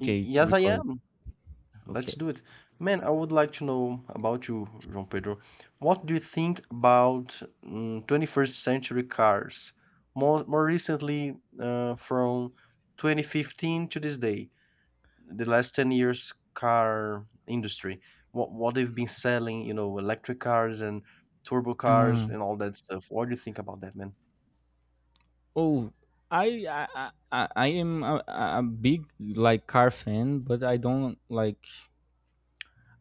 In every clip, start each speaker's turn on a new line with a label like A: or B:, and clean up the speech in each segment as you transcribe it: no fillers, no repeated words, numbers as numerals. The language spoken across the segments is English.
A: to
B: Yes, I
A: record.
B: am. Let's
A: Okay.
B: do it. Man, I would like to know about you, João Pedro. What do you think about 21st century cars? More recently, from 2015 to this day, the last 10 years car industry, what they've been selling, electric cars and turbo cars
A: Uh,
B: and all that stuff. What do you think about that, man?
A: oh, I am a big like car fan, but I don't like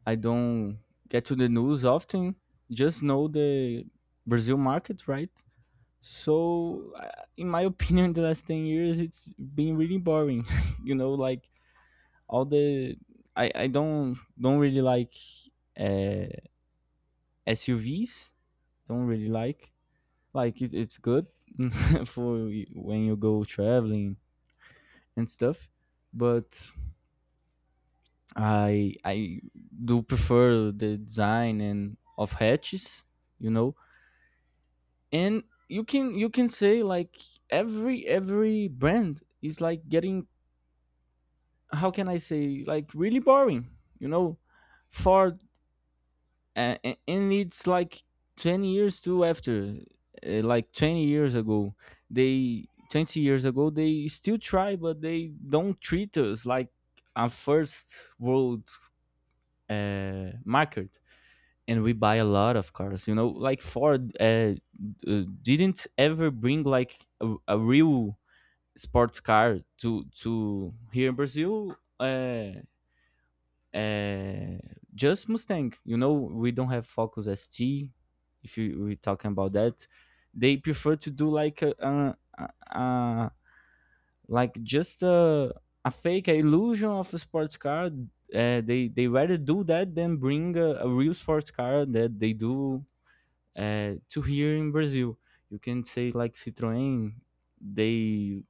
A: I don't get to the news often. Just know the Brazil market, right? So, in my opinion, the last 10 years it's been really boring. you know, like all the I don't really like uh, SUVs. Don't really like it. It's good for when you go traveling and stuff, but I do prefer the design and of hatches, you know. And you can say like every brand is like getting, how can I say, like really boring, you know Ford. And it's like 10 years too after, like 20 years ago, they still try, but they don't treat us like a first world market. And we buy a lot of cars, like Ford didn't ever bring like a real sports car to here in Brazil, uh, just Mustang. You know, we don't have Focus ST. If you, we're talking about that, they prefer to do like a, a, like just a fake, a illusion of a sports car. They rather do that than bring a real sports car that they do to here in Brazil. You can say like Citroën. They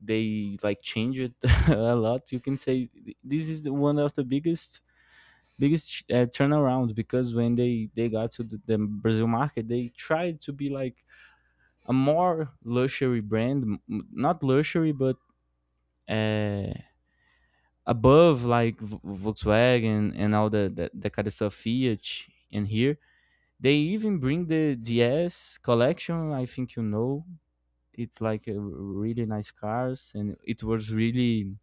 A: they like change it a lot. You can say this is one of the biggest turnaround because when they got to the Brazil market, they tried to be like a more luxury brand, not luxury, but uh, above like Volkswagen and all the kind of stuff Fiat in here. They even bring the DS collection, I think you know. It's like a really nice cars, and it was really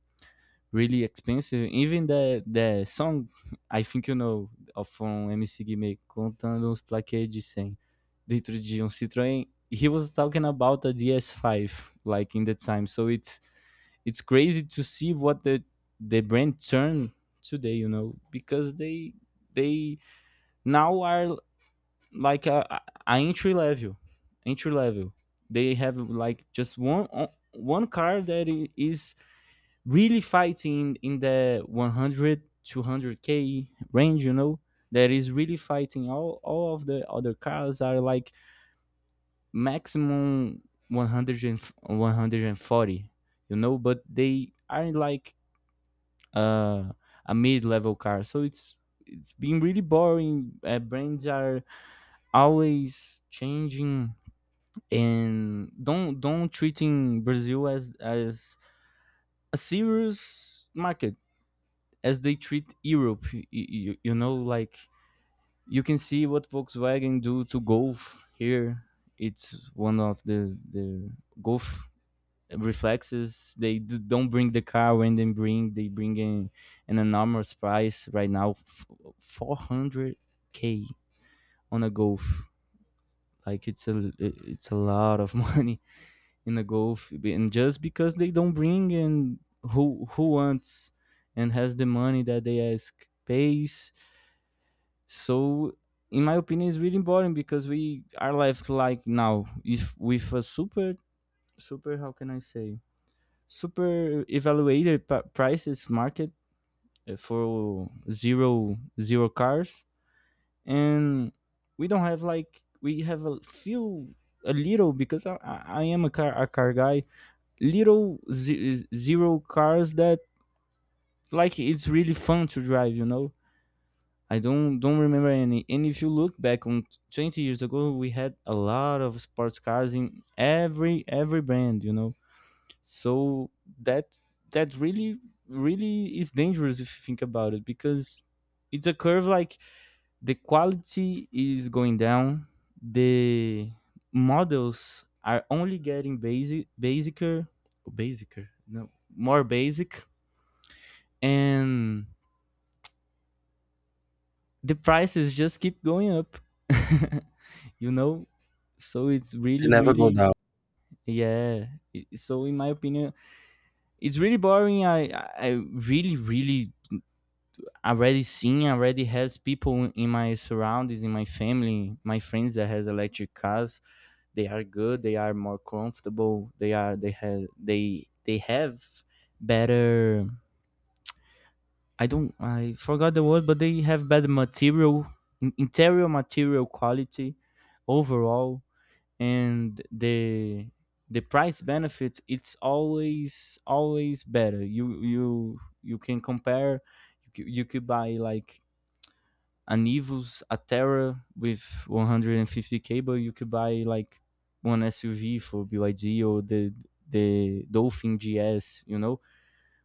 A: really expensive. Even the song, I think you know, of from MC Guimê, contando uns plaquês de 100 dentro de Citroën. He was talking about a DS5, like in the time. So it's crazy to see what the brand turned today, you know, because they now are like a entry level, entry level. They have like just one car that is really fighting in the 100 200k range, you know, that is really fighting. All of the other cars are like maximum 100 and 140, you know, but they aren't like uh, a mid-level car. So it's been really boring. Brands are always changing and don't treating Brazil as a serious market, as they treat Europe. Like you can see what Volkswagen do to Golf here. It's one of the Golf reflexes. They don't bring the car when they bring. They bring in an enormous price right now, 400 k on a Golf. Like it's a lot of money in a Golf, and just because they don't bring in, who wants and has the money that they ask pays. So in my opinion, it's really important because we are left like now if with a super, how can I say, super evaluated prices market, for zero cars. And we don't have, like, we have a few, a little, because I am a car guy. Little zero cars that, like, it's really fun to drive, you know. I don't remember any. And if you look back on 20 years ago, we had a lot of sports cars in every brand, you know. So that that really is dangerous if you think about it, because it's a curve. Like, the quality is going down, the models are only getting basic, basicer, basicer, no, more basic, and the prices just keep going up. You know, so it's
B: They
A: really
B: never go
A: really
B: down.
A: Yeah, so in my opinion it's really boring. I really already seen, already has people in my surroundings, in my family, my friends that has electric cars. They are good, they are more comfortable, they are they have better, I don't I forgot the word, but they have bad material, interior material quality overall, and the price benefit, it's always better. You can compare. You could buy like an Evo's Atera with 150k, but you could buy like one SUV for BYD or the Dolphin GS. You know,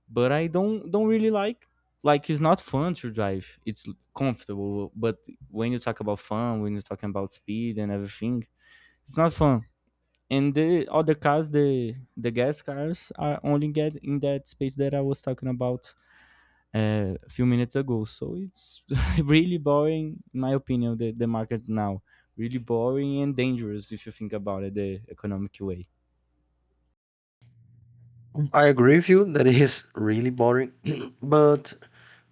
A: but I don't really like it's not fun to drive. It's comfortable, but when you talk about fun, when you're talking about speed and everything, it's not fun. And the other cars, the gas cars, are only get in that space that I was talking about a few minutes ago. So it's really boring, in my opinion. The market now, really boring and dangerous if you think about it, the economic way.
B: I agree with you that it is really boring, but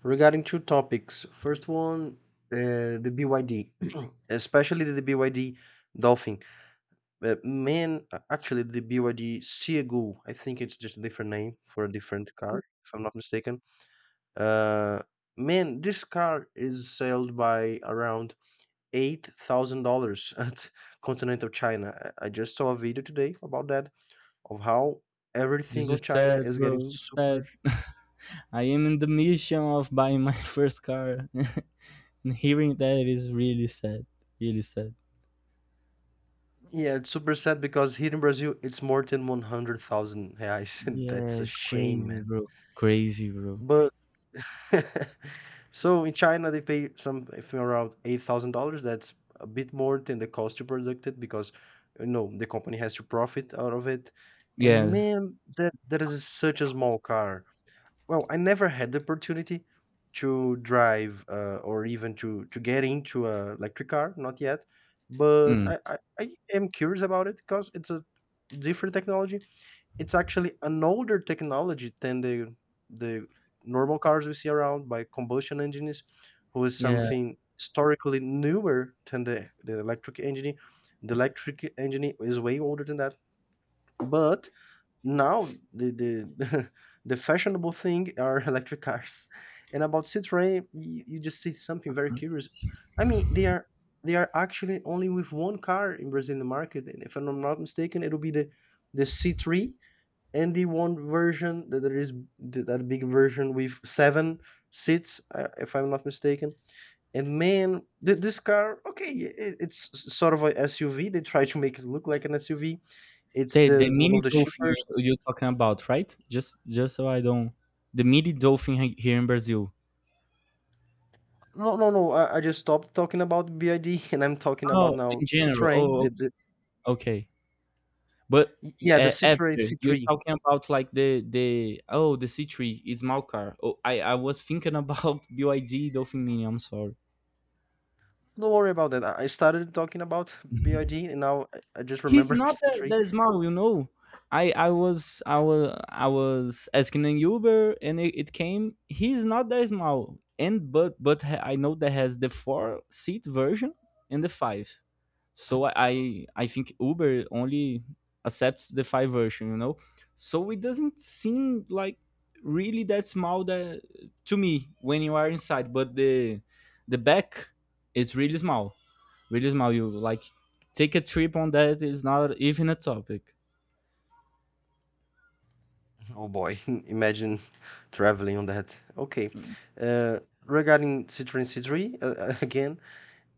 B: regarding two topics. First one, the BYD, especially the BYD Dolphin. Man, actually, the BYD Seagull. I think it's just a different name for a different car, if I'm not mistaken. Uh, Man, this car is sold by around $8,000 at continental China. I just saw a video today about that of how everything
A: This is
B: on China
A: sad,
B: is getting
A: bro.
B: super.
A: Sad. I am in the mission of buying my first car, and hearing that is really sad. Really sad.
B: Yeah, it's super sad because here in Brazil it's more than 100,000 reais, and
A: Yeah,
B: that's a
A: it's
B: shame,
A: crazy,
B: man.
A: bro. Crazy, bro.
B: But so in China they pay something around $8,000. That's a bit more than the cost to product it because the company has to profit out of it. And
A: Yeah.
B: man, that is such a small car. Well, I never had the opportunity to drive or even to get into a electric car, not yet. But
A: Mm.
B: I am curious about it because it's a different technology. It's actually an older technology than the normal cars we see around by combustion engines, who is
A: Yeah.
B: something historically newer than the electric engine. The electric engine is way older than that. But now the the fashionable thing are electric cars. And about Citroën, you just say something very curious. I mean, they are actually only with one car in Brazilian market, and if I'm not mistaken, it'll be the C3 and the one version that there is that big version with seven seats, if I'm not mistaken. And man, this car, okay, it's sort of a SUV. They try to make it look like an SUV. It's
A: The
B: the one
A: mini
B: of the
A: dolphin
B: cheapest.
A: you're talking about, right? Just so I don't. The mini dolphin, here in Brazil.
B: No, no, no. I just stopped talking about BID and I'm talking about
A: Oh,
B: now
A: in general.
B: Citroën. The,
A: Oh,
B: the,
A: okay. But
B: y- yeah, the Citroën
A: after you're
B: C3.
A: talking about like the the C3 is Malkar. Oh, I was thinking about BYD Dolphin Mini. I'm sorry.
B: Don't worry about that. I started talking about BID and now I just
A: He's
B: remember
A: not that,
B: C3.
A: that small, you know. I was asking an Uber and it came. He's not that small, and but I know that has the four-seat version and the five. So I think Uber only accepts the five version, you know. So it doesn't seem like really that small, that, to me, when you are inside, but the back is really small, really small. You, like, take a trip on that is not even a topic.
B: Oh boy, imagine traveling on that. Okay. Uh, Regarding Citroën C3, again,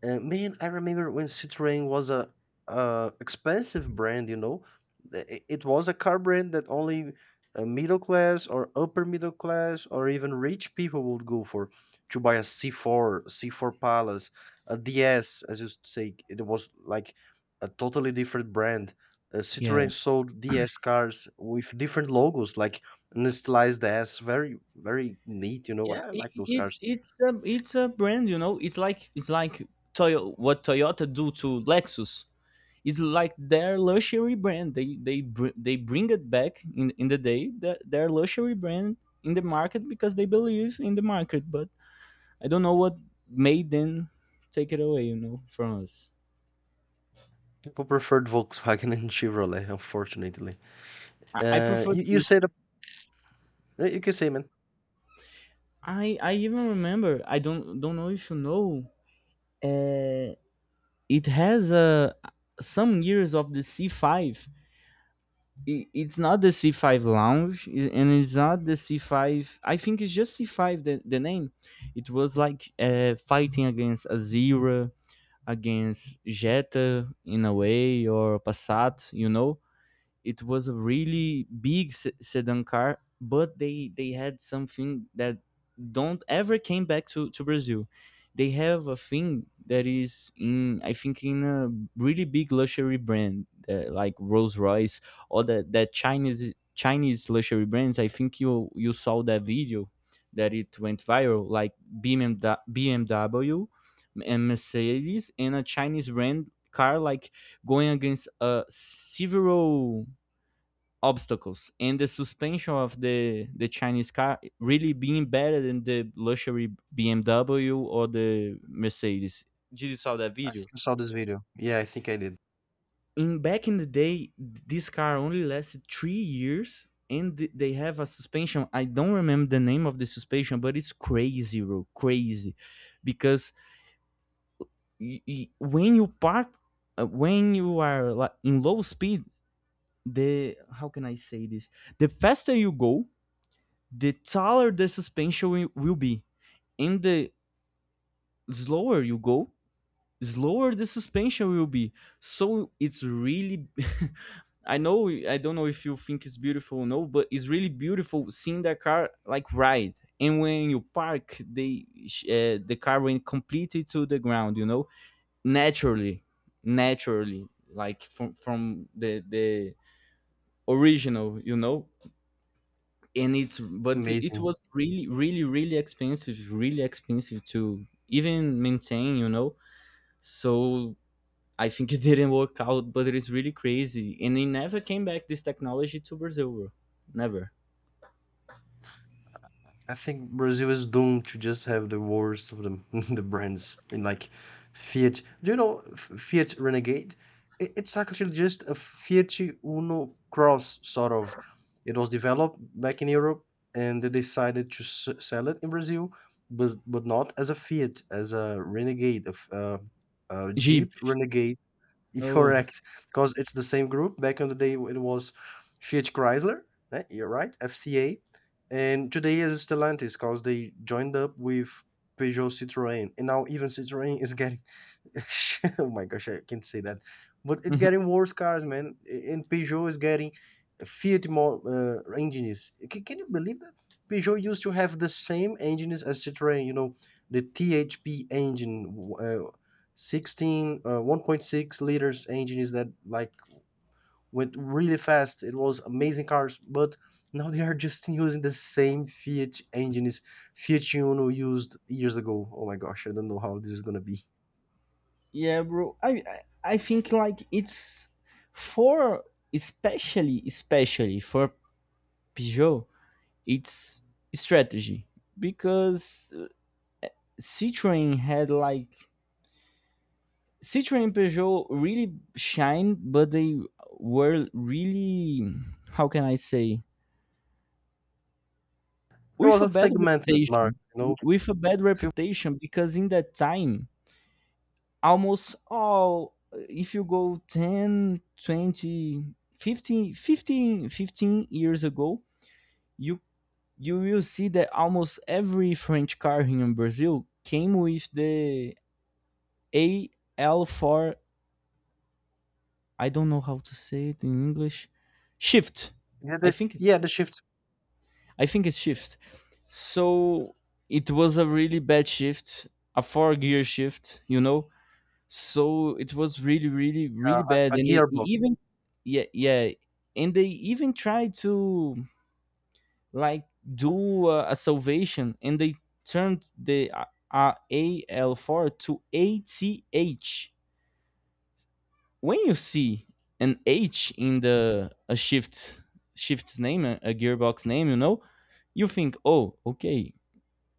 B: Man, I remember when Citroën was a expensive brand. It was a car brand that only middle class or upper middle class or even rich people would go for to buy a C4, C4 Palace, a DS, as you say. It was like a totally different brand.
A: Yeah.
B: Citroën sold DS cars with different logos, like an stylized S, very very neat. You know, I
A: Yeah.
B: I
A: I-
B: like those
A: it's
B: cars.
A: it's a it's a brand, you know, it's like what Toyota do to Lexus. Is like their luxury brand. They they bring it back in the day, that their luxury brand in the market because they believe in the market, but I don't know what made them take it away, you know, from us.
B: People preferred Volkswagen and Chevrolet, unfortunately.
A: I
B: Uh,
A: prefer
B: you, you
A: to
B: said, you can say, man.
A: I even remember, I don't know if you know, uh it has some years of the C5. I- It's not the C5 Lounge, and it's not the C5. I think it's just C5, the name. It was like fighting against Azira, against Jetta in a way, or Passat. You know, it was a really big sedan car, but they had something that don't ever came back to Brazil. They have a thing that is in, I think, in a really big luxury brand, like Rolls Royce, or that Chinese luxury brands. I think you saw that video that it went viral, like BMW and Mercedes and a Chinese brand car, like, going against several obstacles, and the suspension of the Chinese car really being better than the luxury BMW or the Mercedes. Did you saw that
B: I think
A: video?
B: I saw this video. Yeah, I think I did.
A: In Back in the day, this car only lasted 3 years, and they have a suspension. I don't remember the name of the suspension, but it's crazy, bro, crazy, because when you park, when you are, like, in low speed, the, how can I say this? The faster you go, the taller the suspension will be. And the slower you go, slower the suspension will be. So it's really, I know, I don't know if you think it's beautiful or no, but it's really beautiful seeing the car, like, ride. And when you park, the car went completely to the ground, you know, naturally, naturally, like from the original, you know. And it's but It
B: Amazing.
A: was really expensive, really expensive to even maintain, you know. So I think it didn't work out, but it is really crazy, and it never came back, this technology, to Brazil, bro. Never.
B: I think Brazil is doomed to just have the worst of them, the brands in like Fiat. Do you know Fiat Renegade? It's actually just a Fiat Uno Cross sort of. It was developed back in Europe, and they decided to sell it in Brazil, but not as a Fiat, as a Renegade, a
A: Jeep.
B: Jeep Renegade.
A: Oh.
B: Correct, because it's the same group. Back in the day, it was Fiat Chrysler, right? You're right, FCA, and today is Stellantis because they joined up with Peugeot Citroën, and now even Citroën is getting oh my gosh, I can't say that. But it's getting worse cars, man. And Peugeot is getting Fiat more engines. Can you believe that? Peugeot used to have the same engines as Citroën, the THP engine, 16, 1.6 liters engines that like went really fast. It was amazing cars, but now they are just using the same Fiat engines Fiat Uno used years ago. Oh my gosh, I don't know how this is gonna be.
A: Yeah, bro. I think, like, it's for, especially for Peugeot, it's strategy. Because citroen had like, Citroën and Peugeot really shine, but they were really, how can I say,
B: It
A: with
B: was
A: a
B: a
A: bad
B: segmented
A: reputation.
B: market.
A: With a bad
B: Few.
A: reputation, because in that time, almost all, if you go 10, 20, 15, years ago, you will see that almost every French car here in Brazil came with the AL4. I don't know how to say it in English. Shift.
B: yeah,
A: I
B: they,
A: think it's
B: yeah, they shipped
A: I think it's shift. So it was a really bad shift, a four gear shift, you know. So it was really, really,
B: uh,
A: really bad,
B: a
A: and it
B: gearbox,
A: even yeah, yeah, and they even tried to like do a salvation, and they turned the AL4 to ATH. When you see an H in the a shift shift's name, a gearbox name, you know, you think, oh, okay,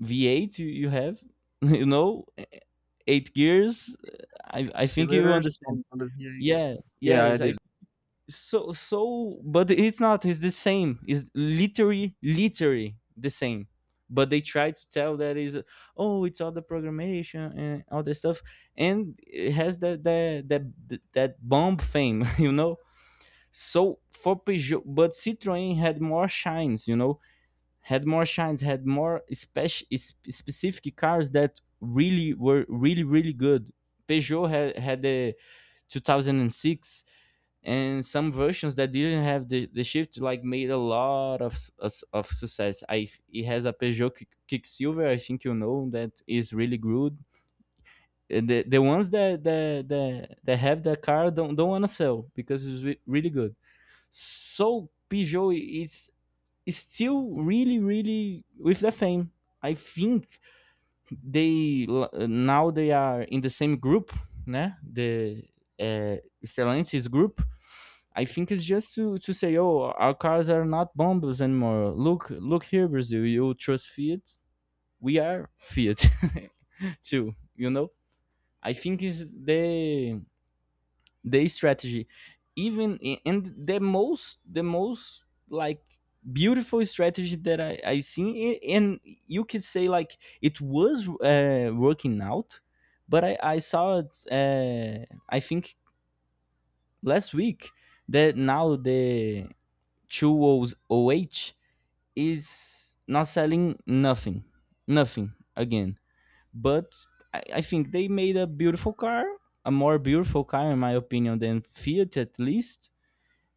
A: V8 you have, you know, eight gears. I think you
B: cylinders
A: understand.
B: on the V8.
A: Yeah,
B: Yeah, I
A: yes, I
B: did.
A: but it's not. It's the same. It's literally the same. But they try to tell that is, oh, it's all the programmation and all the stuff, and it has that bomb fame, you know, so for Peugeot. But Citroën had more shines, you know, had more shines, had more specific cars that really were really good. Peugeot had the 2006 and some versions that didn't have the shift, like made a lot of success. I it has a Kicksilver, I think you know, that is really good. And the ones that have the car don't want to sell because it's really good. So Peugeot is still really, really with the fame. I think they, now they are in the same group, né? The uh, Stellantis group. I think it's just to say, oh, our cars are not bombs anymore. Look, look here, Brazil. You trust Fiat? We are Fiat, too. You know. I think is the strategy, even and the most like beautiful strategy that I seen, and you could say like it was working out. But I saw it, I think last week, that now the 208 is not selling nothing again. But I think they made a beautiful car, a more beautiful car in my opinion than Fiat, at least,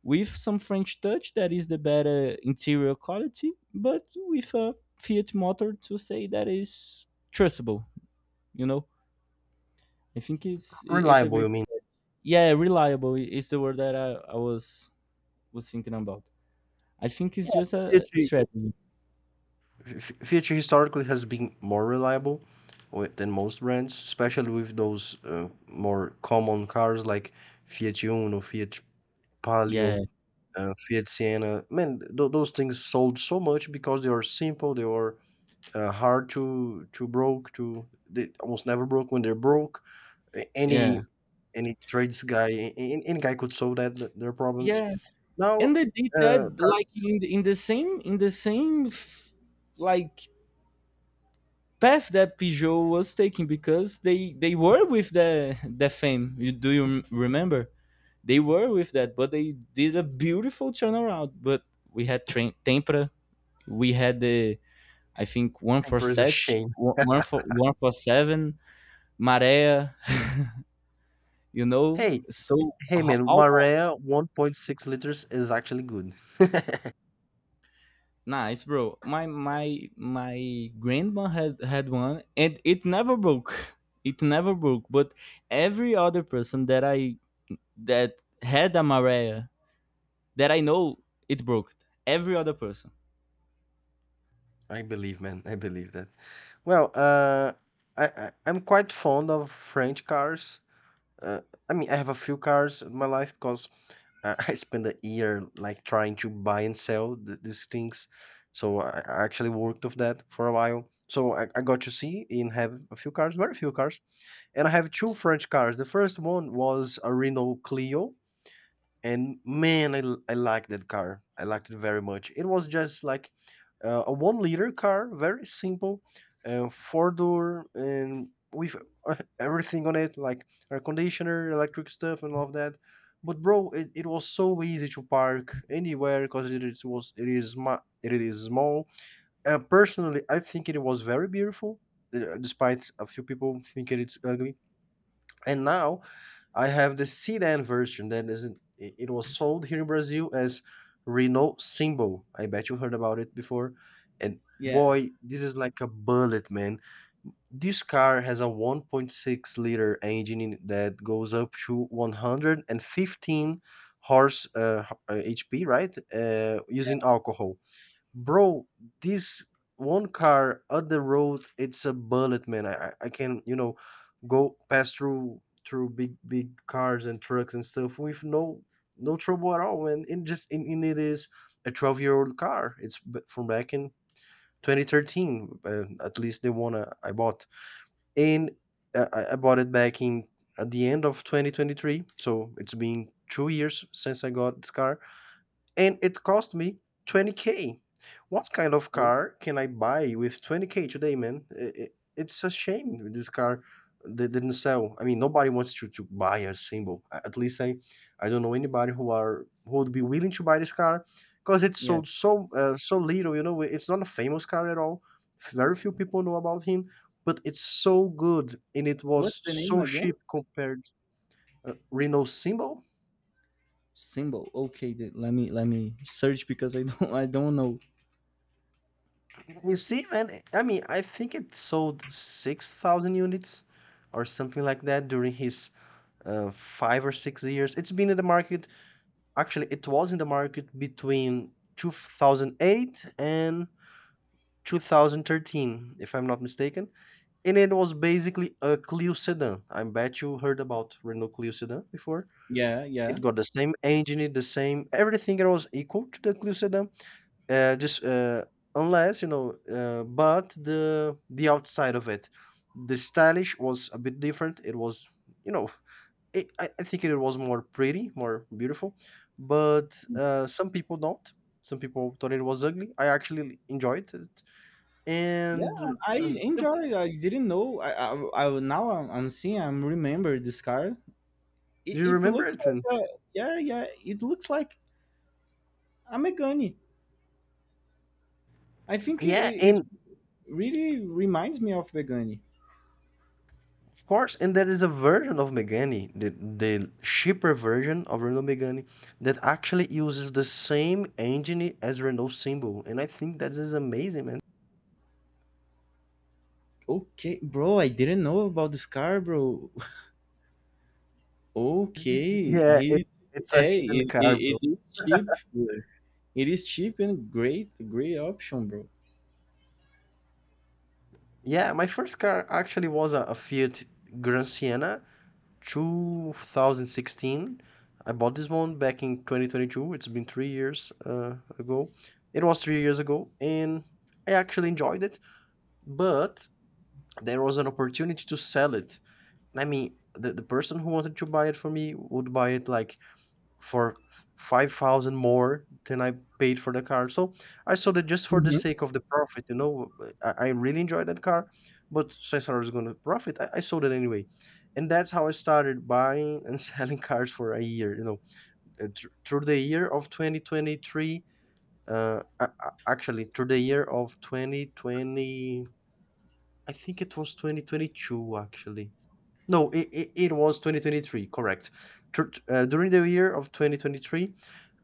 A: with some French touch, that is the better interior quality, but with a Fiat motor to say that is trustable. You know, I think it's a
B: Reliable,
A: great
B: you mean?
A: yeah, reliable is the word that I was thinking about. I think it's
B: Yeah,
A: just a
B: Fiat.
A: strategy.
B: Fiat historically has been more reliable with, than most brands, especially with those more common cars like Fiat Uno, Fiat Palio,
A: Yeah,
B: Fiat Siena. Man, those things sold so much because they are simple, they are hard to broke to they almost never broke when they broke
A: yeah,
B: any any trades guy, any guy could solve that their problems.
A: yeah.
B: Now,
A: And they did that
B: car
A: like in like path that Peugeot was taking because they were with the fame. You, do you remember? They were with that, but they did a beautiful turnaround. But we had train tempura. We had the, I think one for
B: temper is a
A: set,
B: shame.
A: one for seven, Marea. You know,
B: Hey,
A: so
B: hey, man,
A: all hops.
B: Marea 1.6 liters is actually good.
A: Nice, bro. My grandma had one, and it never broke. It never broke. But every other person that I that had a Marea that I know, it broke. Every other person.
B: I believe, man. I believe that. Well, I'm quite fond of French cars. Uh, I mean, I have a few cars in my life because I I spent a year like trying to buy and sell these things. So I actually worked with that for a while. So I got to see and have a few cars, very few cars. And I have two French cars. The first one was a Renault Clio and man, I liked that car. I liked it very much. It was just like a 1 liter car, very simple, four door, and with uh, everything on it, like air conditioner, electric stuff, and all of that. But bro, it was so easy to park anywhere because it is small. Personally, I think it was very beautiful, despite a few people thinking it's ugly. And now I have the sedan version that isn't. It was sold here in Brazil as Renault Symbol. I bet you heard about it before. And
A: Yeah.
B: boy, this is like a bullet, man. This car has a 1.6-liter engine that goes up to 115 horse uh, h- uh, HP, right? Using alcohol. Bro, this one car on the road, it's a bullet, man. I can, go pass through big cars and trucks and stuff with no trouble at all, man. It just and it is a 12-year-old car. It's from back in 2013, at least the one I bought. And I bought it back in at the end of 2023, so it's been 2 years since I got this car and it cost me 20k. What kind of
A: Oh.
B: car can I buy with 20k today, man? It's a shame this car they didn't sell. I mean, nobody wants to buy a symbol. At least I don't know anybody who are who would be willing to buy this car because it's
A: Yeah.
B: sold so little. It's not a famous car at all. Very few people know about him, but it's so good and it
A: What's
B: was
A: the name
B: so
A: again?
B: cheap compared. Renault Symbol.
A: Symbol. Okay, let me search because I don't I don't know.
B: You see, man, I mean, I think it sold 6,000 units or something like that during his 5 or 6 years. It's been in the market, actually, it was in the market between 2008 and 2013, if I'm not mistaken. And it was basically a Clio sedan. I bet you heard about Renault Clio sedan before.
A: Yeah, yeah,
B: It got the same engine, the same everything. It was equal to the Clio sedan just unless you know, but the outside of it, the stylish was a bit different. It was you know, I think it was more pretty, more beautiful. But some people don't. Some people thought it was ugly. I actually enjoyed it.
A: yeah.
B: And
A: I
B: do
A: enjoy it. I didn't know. I now I'm seeing. I'm remember this car. It,
B: you
A: it
B: remember
A: looks
B: it?
A: like
B: When?
A: a yeah, yeah. It looks like a Megane. I think
B: Yeah,
A: it
B: and.
A: really reminds me of Megane.
B: Of course, and there is a version of Megane, the cheaper version of Renault Megane, that actually uses the same engine as Renault Symbol, and I think that is amazing, man.
A: Okay, bro. I didn't know about this car, bro. Okay,
B: Yeah, it,
A: he's
B: it's a
A: hey,
B: hidden car, bro.
A: it is cheap, bro. It is cheap and great, great option, bro.
B: Yeah, my first car actually was a Fiat Gran Siena 2016. I bought this one back in 2022. It's been 3 years ago. It was 3 years ago, and I actually enjoyed it, but there was an opportunity to sell it. I mean, the person who wanted to buy it for me would buy it like for 5,000 more than I paid for the car. So I sold it just for the
A: Mhm.
B: sake of the profit. I really enjoyed that car, but since I was going to profit, I sold it anyway. And that's how I started buying and selling cars for a year. Through the year of 2023. Actually, through the year of 2020, I think it was 2022, actually. No, it was 2023, correct. Tr- during the year of 2023,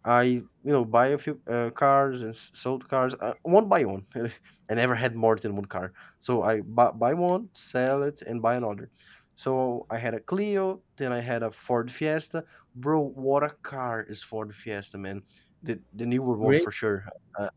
B: buy a few cars and sold cars, one by one. I never had more than one car. So I buy one, sell it, and buy another. So I had a Clio, then I had a Ford Fiesta. Bro, what a car is Ford Fiesta, man. The newer one
A: Great.
B: for sure. Uh,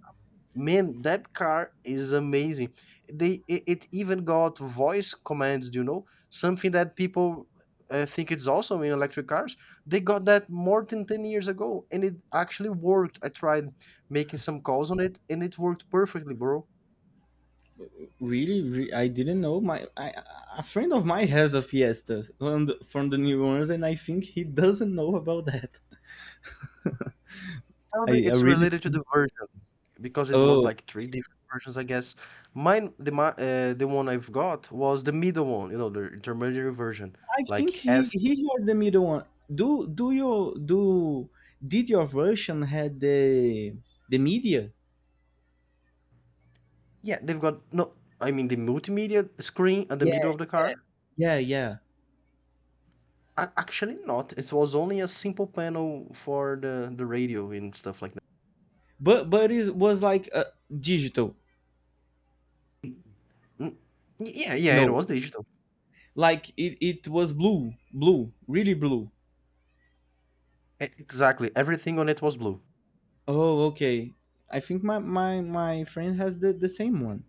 B: Man, that car is amazing. It even got voice commands, you know, something that people think it's awesome in electric cars. They got that more than 10 years ago, and it actually worked. I tried making some calls on it, and it worked perfectly, bro.
A: Really, I didn't know. My I, a friend of mine has a Fiesta on the, from the New Orleans, and I think he doesn't know about that.
B: Probably
A: I
B: it's
A: really.
B: related to the version, because it was
A: Oh,
B: like three different versions, I guess. The one I've got was the middle one, you know, the intermediary version,
A: I think
B: like S.
A: he heard the middle one. Do do your do did your version had the media?
B: Yeah, they've got no. I mean, the multimedia screen at the
A: Yeah,
B: middle of the car.
A: yeah, yeah.
B: Actually, not. It was only a simple panel for the radio and stuff like that.
A: But it was like digital.
B: Mm, Yeah, it
A: No,
B: was digital.
A: like it was blue, blue, really blue.
B: Exactly. Everything on it was blue.
A: Oh, okay. I think my friend has the same one.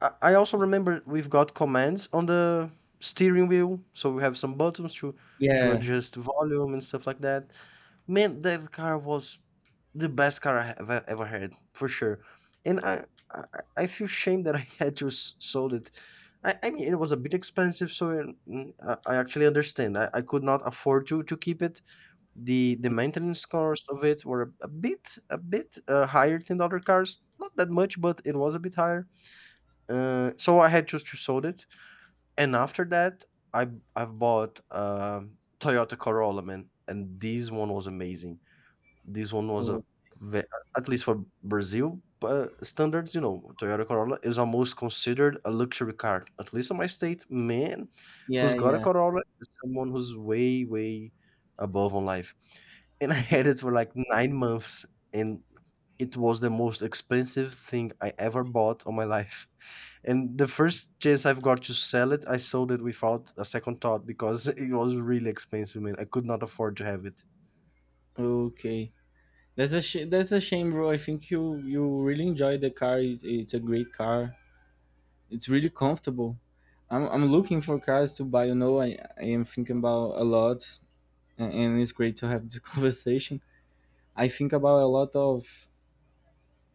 B: I also remember we've got commands on the steering wheel, so we have some buttons to
A: Yeah.
B: adjust volume and stuff like that. Man, that car was… the best car I ever had, for sure. And I, I, I feel shame that I had to sold it. I mean, it was a bit expensive, so I actually understand. I could not afford to keep it. The maintenance costs of it were a bit higher than other cars. Not that much, but it was a bit higher. So I had just to sold it. And after that, I I've bought Toyota Corolla, man, and this one was amazing. This one was a
A: Oh,
B: ve- at least for Brazil standards, you know, Toyota Corolla is almost considered a luxury car. At least in my state, man, who's
A: yeah,
B: got a
A: yeah.
B: Corolla is someone who's way, way above on life. And I had it for like 9 months, and it was the most expensive thing I ever bought on my life. And the first chance I've got to sell it, I sold it without a second thought, because it was really expensive, man. I could not afford to have it.
A: Okay. That's a that's a shame, bro. I think you you really enjoy the car. It's a great car. It's really comfortable. I'm looking for cars to buy. You know, I am thinking about a lot, and it's great to have this conversation. I think about a lot of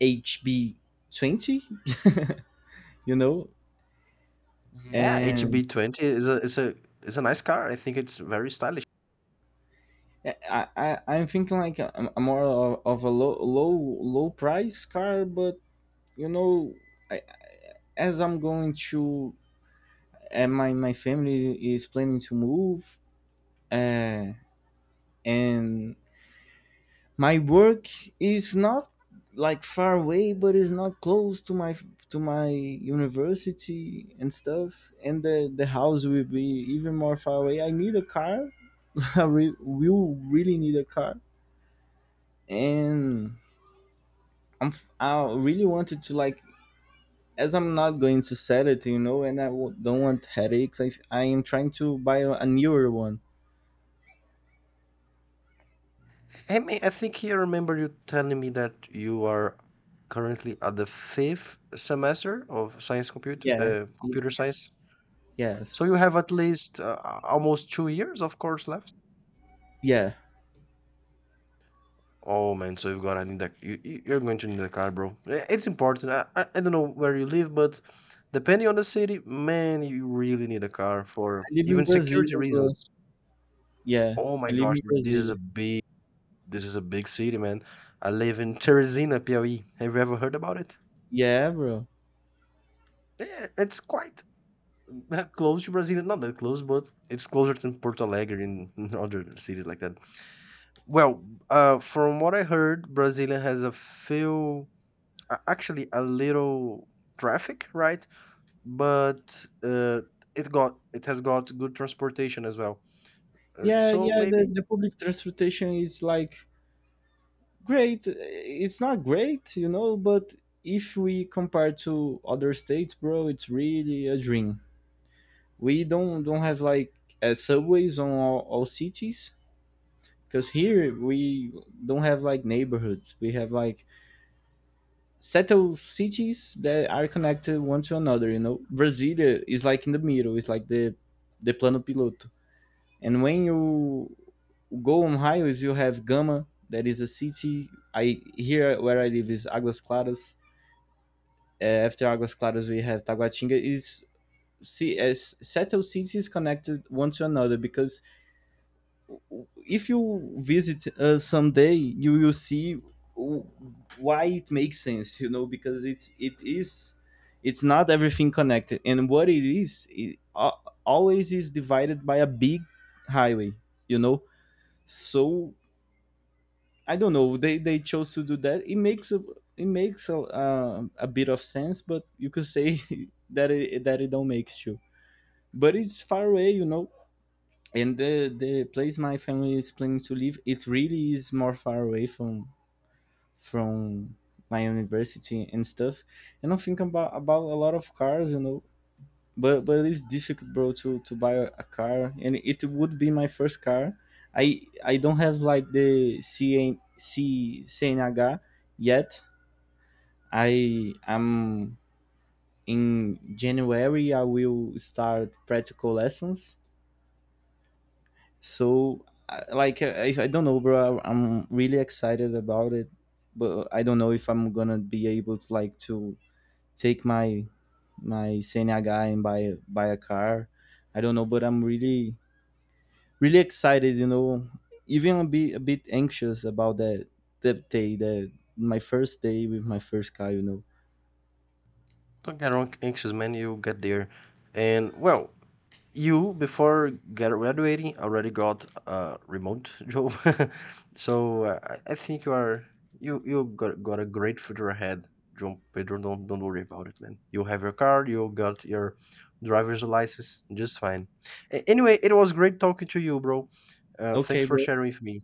A: HB20. You know.
B: Yeah,
A: And
B: HB20 is a is a nice car. I think it's very stylish.
A: eh, I I'm thinking like a more of a low low low price car, but you know, I, as I'm going to, and my family is planning to move, uh, and my work is not like far away, but it's not close to my university and stuff, and the house will be even more far away. I need a car. I will really need a car. And I'm I really wanted to like, as I'm not going to sell it, you know, and I don't want headaches. I I am trying to buy a newer one.
B: I mean, I think I remember you telling me that you are currently at the fifth semester of science computer
A: Yeah.
B: computer
A: Yes.
B: science.
A: Yes.
B: So you have at least almost 2 years, of course, left.
A: Yeah.
B: Oh man, so you've got to need that. You're going to need a car, bro. I- It's important. I don't know where you live, but depending on the city, man, you really need a car
A: I
B: for
A: live in
B: even
A: Brazil,
B: security reasons.
A: bro. Yeah.
B: Oh
A: I
B: my
A: live
B: gosh,
A: in
B: this is a
A: Brazil.
B: big… this is a big city, man. I live in Teresina, Piauí. Have you ever heard about it?
A: Yeah, bro.
B: Yeah, it's quite that close to Brazil. Not that close, but it's closer than Porto Alegre and and other cities like that. Well, from what I heard, Brasilia has a few… actually a little traffic, right? But it got… it has got good transportation as well.
A: Yeah,
B: So
A: yeah,
B: maybe
A: the public transportation is like great. It's not great, you know, but if we compare to other states, bro, it's really a dream. We don't have like subways on all cities, because here we don't have like neighborhoods. We have like settled cities that are connected one to another. You know, Brasilia is like in the middle. It's like the plano piloto. And when you go on highways, you have Gama. That is a city. I here where I live is Águas Claras. After Águas Claras, we have Taguatinga. Is see as settled cities connected one to another, because if you visit someday, you will see w- why it makes sense. You know, because it is it's not everything connected, and what it is, it always is divided by a big highway. You know, so I don't know. They chose to do that. It makes a bit of sense, but you could say that it don't makes you. But it's far away, you know, and the place my family is planning to live, it really is more far away from my university and stuff. And I'm thinking about a lot of cars, you know, but it's difficult, bro, to buy a car. And it would be my first car. I don't have like the CNH yet. I am in January I will start practical lessons. So, like, I don't know, bro. I I'm really excited about it, but I don't know if I'm gonna be able to like to take my my Senia guy and buy buy a car. I don't know, but I'm really really excited. You know, even a bit anxious about that that day, that my first day with my first car. You know.
B: don't get wrong anxious, man. You get there, and well, you, before graduating, already got a remote job, so I think you are… you got a great future ahead, João Pedro. Don't worry about it, man. You have your card, you got your driver's license, just fine. Anyway, it was great talking to you, bro.
A: Okay,
B: Thanks for
A: bro.
B: sharing with me.